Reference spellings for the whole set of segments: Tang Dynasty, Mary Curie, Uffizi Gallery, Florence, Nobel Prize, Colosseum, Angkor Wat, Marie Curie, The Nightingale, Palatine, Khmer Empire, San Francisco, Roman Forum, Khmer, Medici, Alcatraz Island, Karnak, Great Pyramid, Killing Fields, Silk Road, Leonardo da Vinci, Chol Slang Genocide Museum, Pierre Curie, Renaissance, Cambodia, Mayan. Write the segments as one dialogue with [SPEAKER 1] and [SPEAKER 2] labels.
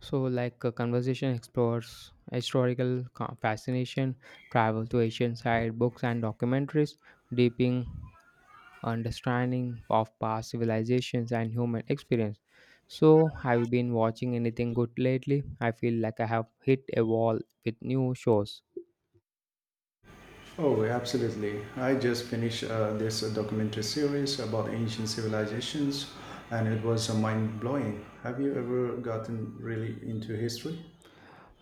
[SPEAKER 1] So, like a conversation explores historical co- fascination, travel to Asian side, books and documentaries, deeping understanding of past civilizations and human experience. So, have you been watching anything good lately? I feel like I have hit a wall with new shows.
[SPEAKER 2] Oh, absolutely. I just finished this documentary series about ancient civilizations, and it was mind blowing. Have you ever gotten really into history?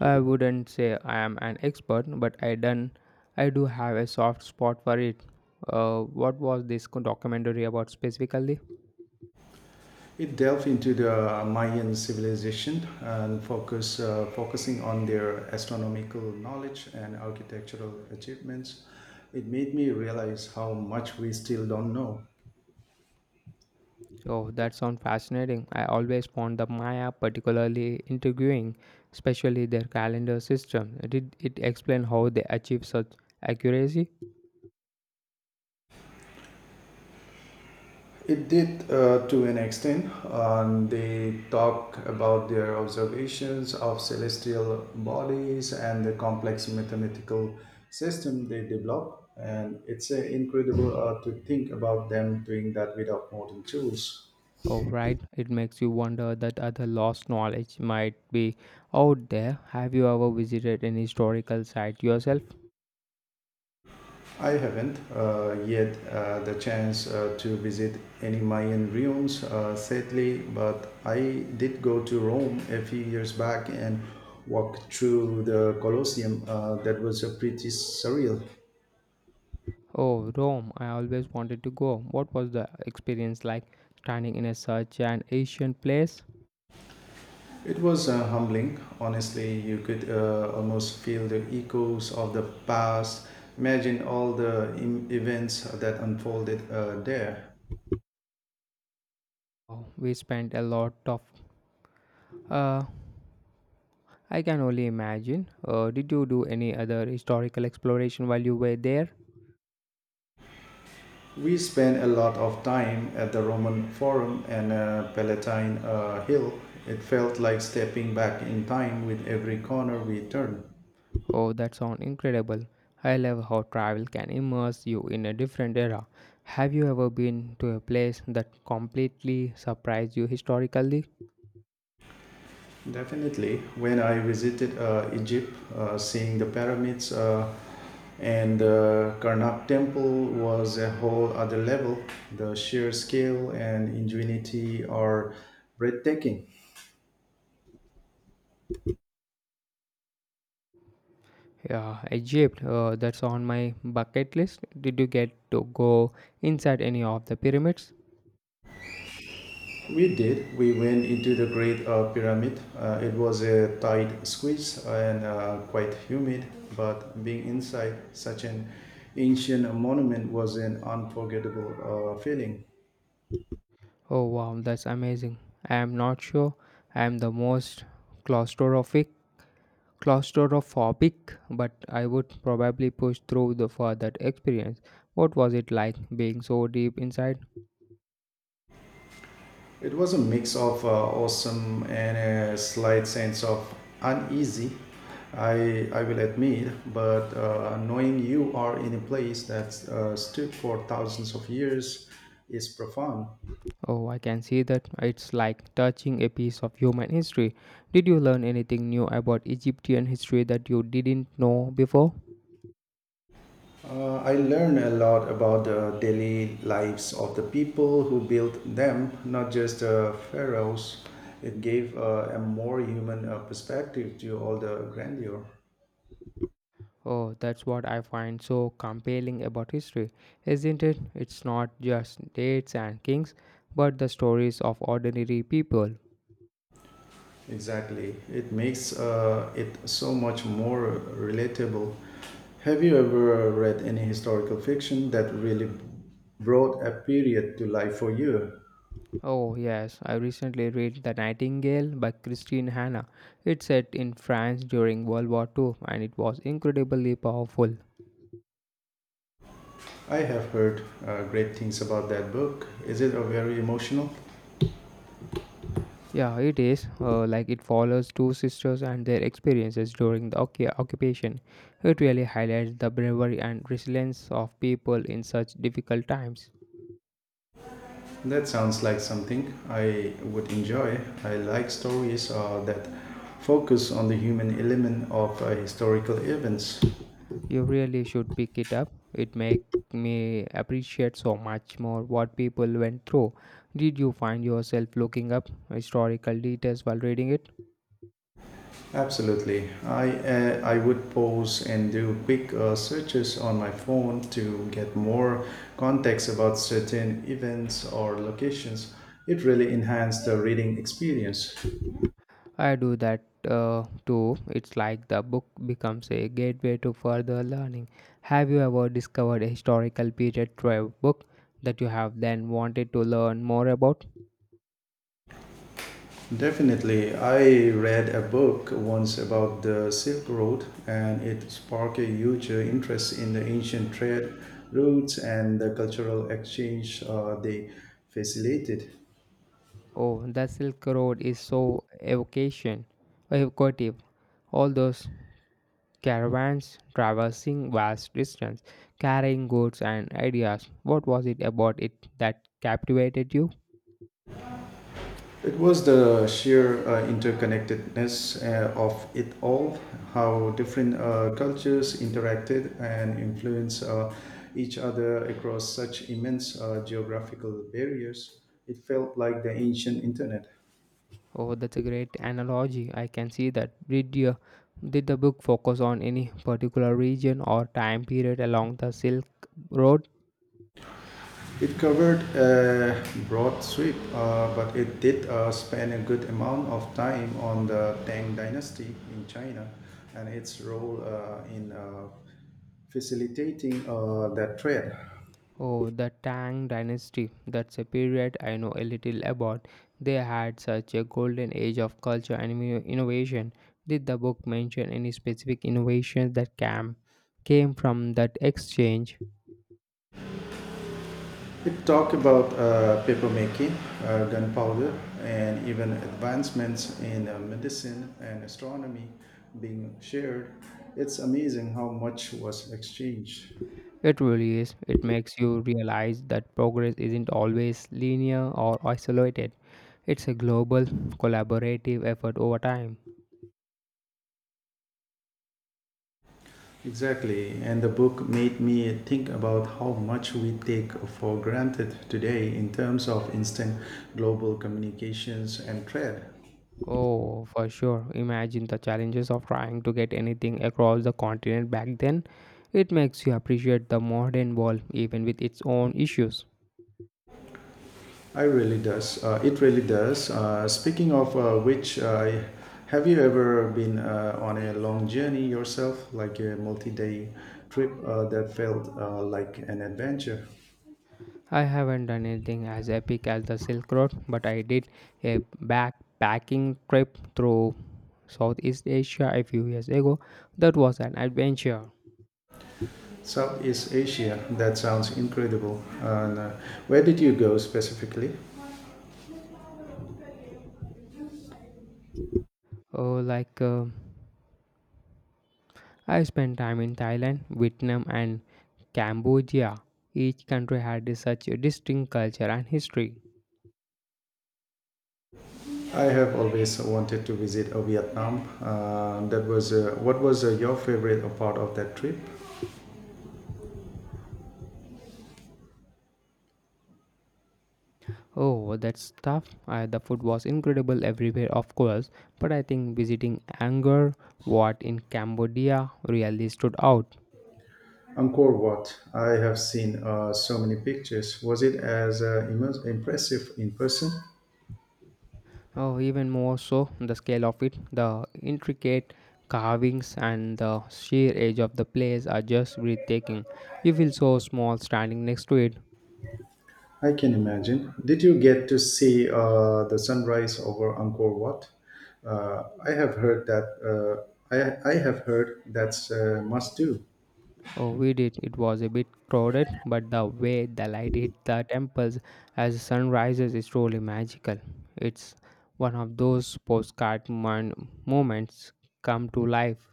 [SPEAKER 1] I wouldn't say I am an expert, but I do have a soft spot for it. What was this co- documentary about specifically?
[SPEAKER 2] It delved into the Mayan civilization and focusing on their astronomical knowledge and architectural achievements. It made me realize how much we still don't know.
[SPEAKER 1] Oh, that sounds fascinating. I always found the Maya particularly intriguing, especially their calendar system. Did it explain how they achieve such accuracy?
[SPEAKER 2] It did, to an extent. They talk about their observations of celestial bodies and the complex mathematical system they develop, and it's incredible to think about them doing that without modern tools.
[SPEAKER 1] Oh, right. It makes you wonder that other lost knowledge might be out there. Have you ever visited an historical site yourself?
[SPEAKER 2] I haven't yet the chance to visit any Mayan ruins, sadly, but I did go to Rome a few years back and walk through the Colosseum. That was a pretty surreal.
[SPEAKER 1] Oh, Rome. I always wanted to go. What was the experience like standing in a such an ancient place?
[SPEAKER 2] It was, humbling, honestly. You could almost feel the echoes of the past. Imagine all the events that unfolded there.
[SPEAKER 1] Oh, we spent a lot of. Uh, I can only imagine. Did you do any other historical exploration while you were there?
[SPEAKER 2] We spent a lot of time at the Roman Forum and Palatine Hill. It felt like stepping back in time with every corner we turned.
[SPEAKER 1] Oh, that sounds incredible. I love how travel can immerse you in a different era. Have you ever been to a place that completely surprised you historically?
[SPEAKER 2] Definitely, when I visited Egypt, seeing the pyramids and the Karnak temple was a whole other level. The sheer scale and ingenuity are breathtaking.
[SPEAKER 1] Yeah, Egypt, that's on my bucket list. Did you get to go inside any of the pyramids?
[SPEAKER 2] We did. We went into the Great Pyramid. It was a tight squeeze and quite humid, but being inside such an ancient monument was an unforgettable feeling.
[SPEAKER 1] Oh, wow, that's amazing. I am not sure I am the most claustrophobic, claustrophobic, but I would probably push through the, for that experience. What was it like being so deep inside?
[SPEAKER 2] It was a mix of awesome and a slight sense of uneasy, I will admit, but knowing you are in a place that stood for thousands of years is profound.
[SPEAKER 1] Oh, I can see that it's like touching a piece of human history. Did you learn anything new about Egyptian history that you didn't know before?
[SPEAKER 2] I learned a lot about the daily lives of the people who built them, not just the pharaohs. It gave a more human perspective to all the grandeur.
[SPEAKER 1] Oh, that's what I find so compelling about history, isn't it? It's not just dates and kings, but the stories of ordinary people.
[SPEAKER 2] Exactly. It makes it so much more relatable. Have you ever read any historical fiction that really brought a period to life for you?
[SPEAKER 1] Oh, yes, I recently read The Nightingale by Christine Hanna. It's set in France during World War II and it was incredibly powerful.
[SPEAKER 2] I have heard great things about that book. Is it a very emotional?
[SPEAKER 1] Yeah, it is. Like it follows two sisters and their experiences during the occupation. It really highlights the bravery and resilience of people in such difficult times.
[SPEAKER 2] That sounds like something I would enjoy. I like stories that focus on the human element of historical events.
[SPEAKER 1] You really should pick it up. It make me appreciate so much more what people went through. Did you find yourself looking up historical details while reading it?
[SPEAKER 2] Absolutely. I I would pause and do quick searches on my phone to get more context about certain events or locations. It really enhanced the reading experience.
[SPEAKER 1] I do that too. It's like the book becomes a gateway to further learning. Have you ever discovered a historical period through a book that you have then wanted to learn more about?
[SPEAKER 2] Definitely. I read a book once about the Silk Road and it sparked a huge interest in the ancient trade routes and the cultural exchange they facilitated.
[SPEAKER 1] Oh, the Silk Road is so evocative. All those caravans traversing vast distance, carrying goods and ideas. What was it about it that captivated you?
[SPEAKER 2] It was the sheer interconnectedness of it all, how different cultures interacted and influenced each other across such immense geographical barriers. It felt like the ancient internet.
[SPEAKER 1] Oh, that's a great analogy. I can see that. Did the book focus on any particular region or time period along the Silk Road?
[SPEAKER 2] It covered a broad sweep, but it did spend a good amount of time on the Tang Dynasty in China and its role in facilitating that trade.
[SPEAKER 1] Oh, the Tang Dynasty. That's a period I know a little about. They had such a golden age of culture and innovation. Did the book mention any specific innovations that came from that exchange?
[SPEAKER 2] It talked about papermaking, gunpowder, and even advancements in medicine and astronomy being shared. It's amazing how much was exchanged.
[SPEAKER 1] It really is. It makes you realize that progress isn't always linear or isolated. It's a global, collaborative effort over time.
[SPEAKER 2] Exactly, and the book made me think about how much we take for granted today in terms of instant global communications and trade.
[SPEAKER 1] Oh, for sure. Imagine the challenges of trying to get anything across the continent back then. It makes you appreciate the modern world, even with its own issues.
[SPEAKER 2] I really does. It really does. Speaking of which, have you ever been on a long journey yourself, like a multi-day trip that felt like an adventure?
[SPEAKER 1] I haven't done anything as epic as the Silk Road, but I did a backpacking trip through Southeast Asia a few years ago. That was an adventure.
[SPEAKER 2] Southeast Asia. That sounds incredible. And where did you go specifically?
[SPEAKER 1] Uh, like uh, I spent time in Thailand, Vietnam, and Cambodia. Each country had a such a distinct culture and history.
[SPEAKER 2] I have always wanted to visit Vietnam. That was what was your favorite part of that trip?
[SPEAKER 1] Oh, that's tough. The food was incredible everywhere, of course, but I think visiting Angkor Wat in Cambodia really stood out.
[SPEAKER 2] Angkor Wat. I have seen so many pictures. Was it as impressive in person?
[SPEAKER 1] Oh, even more so, the scale of it, the intricate carvings, and the sheer edge of the place are just breathtaking. You feel so small standing next to it.
[SPEAKER 2] I can imagine. Did you get to see the sunrise over Angkor Wat? I have heard that. I have heard that's must do.
[SPEAKER 1] Oh, we did. It was a bit crowded, but the way the light hit the temples as the sun rises is truly magical. It's one of those postcard moments come to life.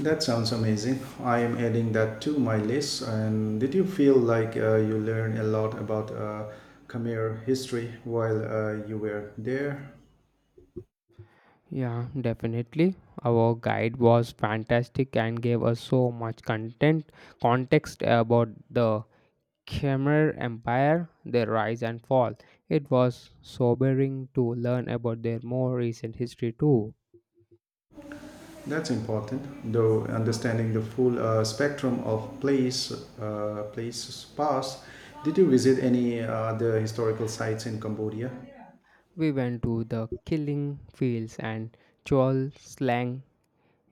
[SPEAKER 2] That sounds amazing. I am adding that to my list. And did you feel like you learned a lot about Khmer history while you were there?
[SPEAKER 1] Yeah, definitely. Our guide was fantastic and gave us so much content context about the Khmer Empire, their rise and fall. It was sobering to learn about their more recent history too.
[SPEAKER 2] That's important, though understanding the full spectrum of places past. Did you visit any other historical sites in Cambodia?
[SPEAKER 1] We went to the Killing Fields and Chol Slang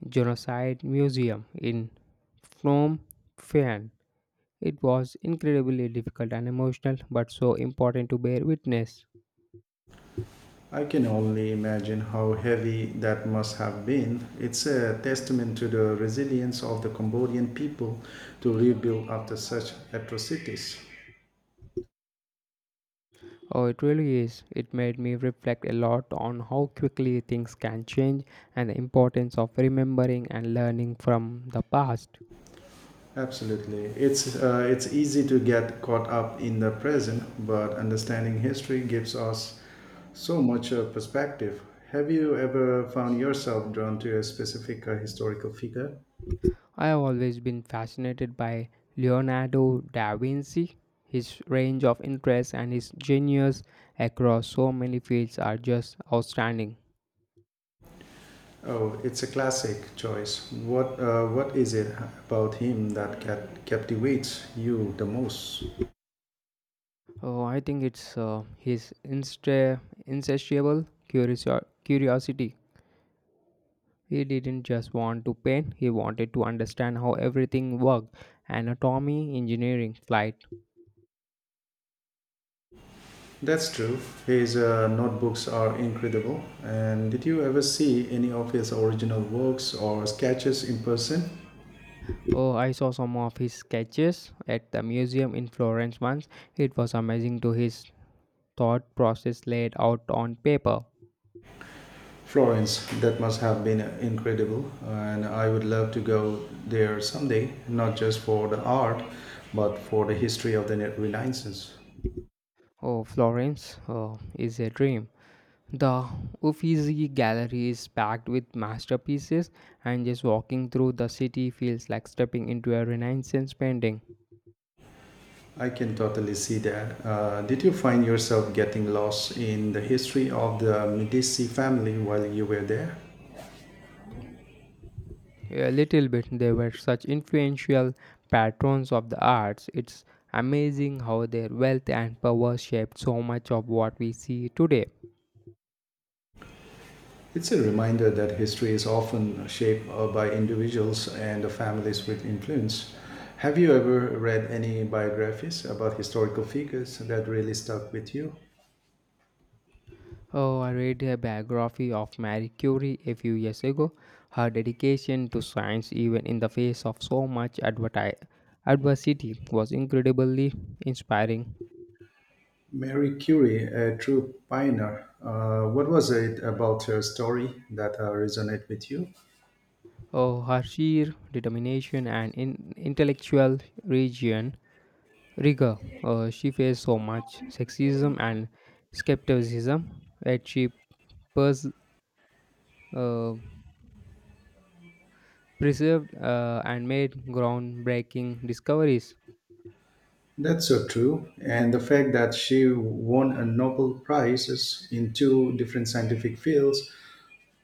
[SPEAKER 1] Genocide Museum in Phnom Penh. It was incredibly difficult and emotional, but so important to bear witness.
[SPEAKER 2] I can only imagine how heavy that must have been. It's a testament to the resilience of the Cambodian people to rebuild after such atrocities.
[SPEAKER 1] Oh, it really is. It made me reflect a lot on how quickly things can change and the importance of remembering and learning from the past.
[SPEAKER 2] Absolutely. It's easy to get caught up in the present, but understanding history gives us so much perspective. Have you ever found yourself drawn to a specific historical figure?
[SPEAKER 1] I have always been fascinated by Leonardo da Vinci. His range of interests and his genius across so many fields are just outstanding.
[SPEAKER 2] Oh, it's a classic choice. What is it about him that captivates you the most?
[SPEAKER 1] Oh, I think it's his insatiable curiosity. He didn't just want to paint, he wanted to understand how everything worked anatomy, engineering, flight.
[SPEAKER 2] That's true. His notebooks are incredible. And did you ever see any of his original works or sketches in person?
[SPEAKER 1] Oh, I saw some of his sketches at the museum in Florence once. It was amazing to his thought process laid out on paper.
[SPEAKER 2] Florence, that must have been incredible. And I would love to go there someday, not just for the art, but for the history of the Renaissance.
[SPEAKER 1] Oh, Florence is a dream. The Uffizi Gallery is packed with masterpieces, and just walking through the city feels like stepping into a Renaissance painting.
[SPEAKER 2] I can totally see that. Did you find yourself getting lost in the history of the Medici family while you were there?
[SPEAKER 1] A little bit, they were such influential patrons of the arts. It's amazing how their wealth and power shaped so much of what we see today.
[SPEAKER 2] It's a reminder that history is often shaped by individuals and the families with influence. Have you ever read any biographies about historical figures that really stuck with you?
[SPEAKER 1] Oh, I read a biography of Marie Curie a few years ago. Her dedication to science, even in the face of so much adversity, was incredibly inspiring.
[SPEAKER 2] Mary Curie, a true pioneer. What was it about her story that resonated with you?
[SPEAKER 1] Oh, her sheer determination and intellectual region, rigor. She faced so much sexism and skepticism, yet she pers- uh, preserved and made groundbreaking discoveries.
[SPEAKER 2] That's so true. And the fact that she won a Nobel Prize in two different scientific fields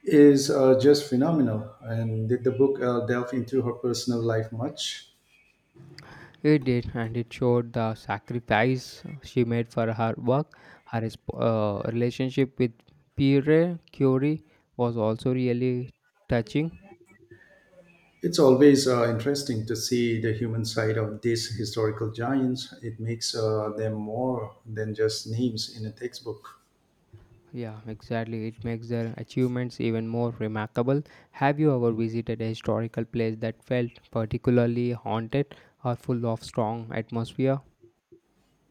[SPEAKER 2] is just phenomenal. And did the book delve into her personal life much?
[SPEAKER 1] It did, and it showed the sacrifice she made for her work. Her relationship with Pierre Curie was also really touching.
[SPEAKER 2] It's always interesting to see the human side of these historical giants. It makes them more than just names in a textbook.
[SPEAKER 1] Yeah, exactly. It makes their achievements even more remarkable. Have you ever visited a historical place that felt particularly haunted or full of strong atmosphere?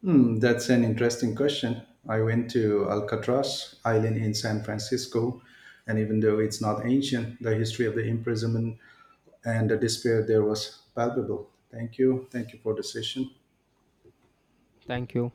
[SPEAKER 2] Hmm, that's an interesting question. I went to Alcatraz Island in San Francisco, and even though it's not ancient, the history of the imprisonment and the despair there was palpable. Thank you. Thank you for the session.
[SPEAKER 1] Thank you.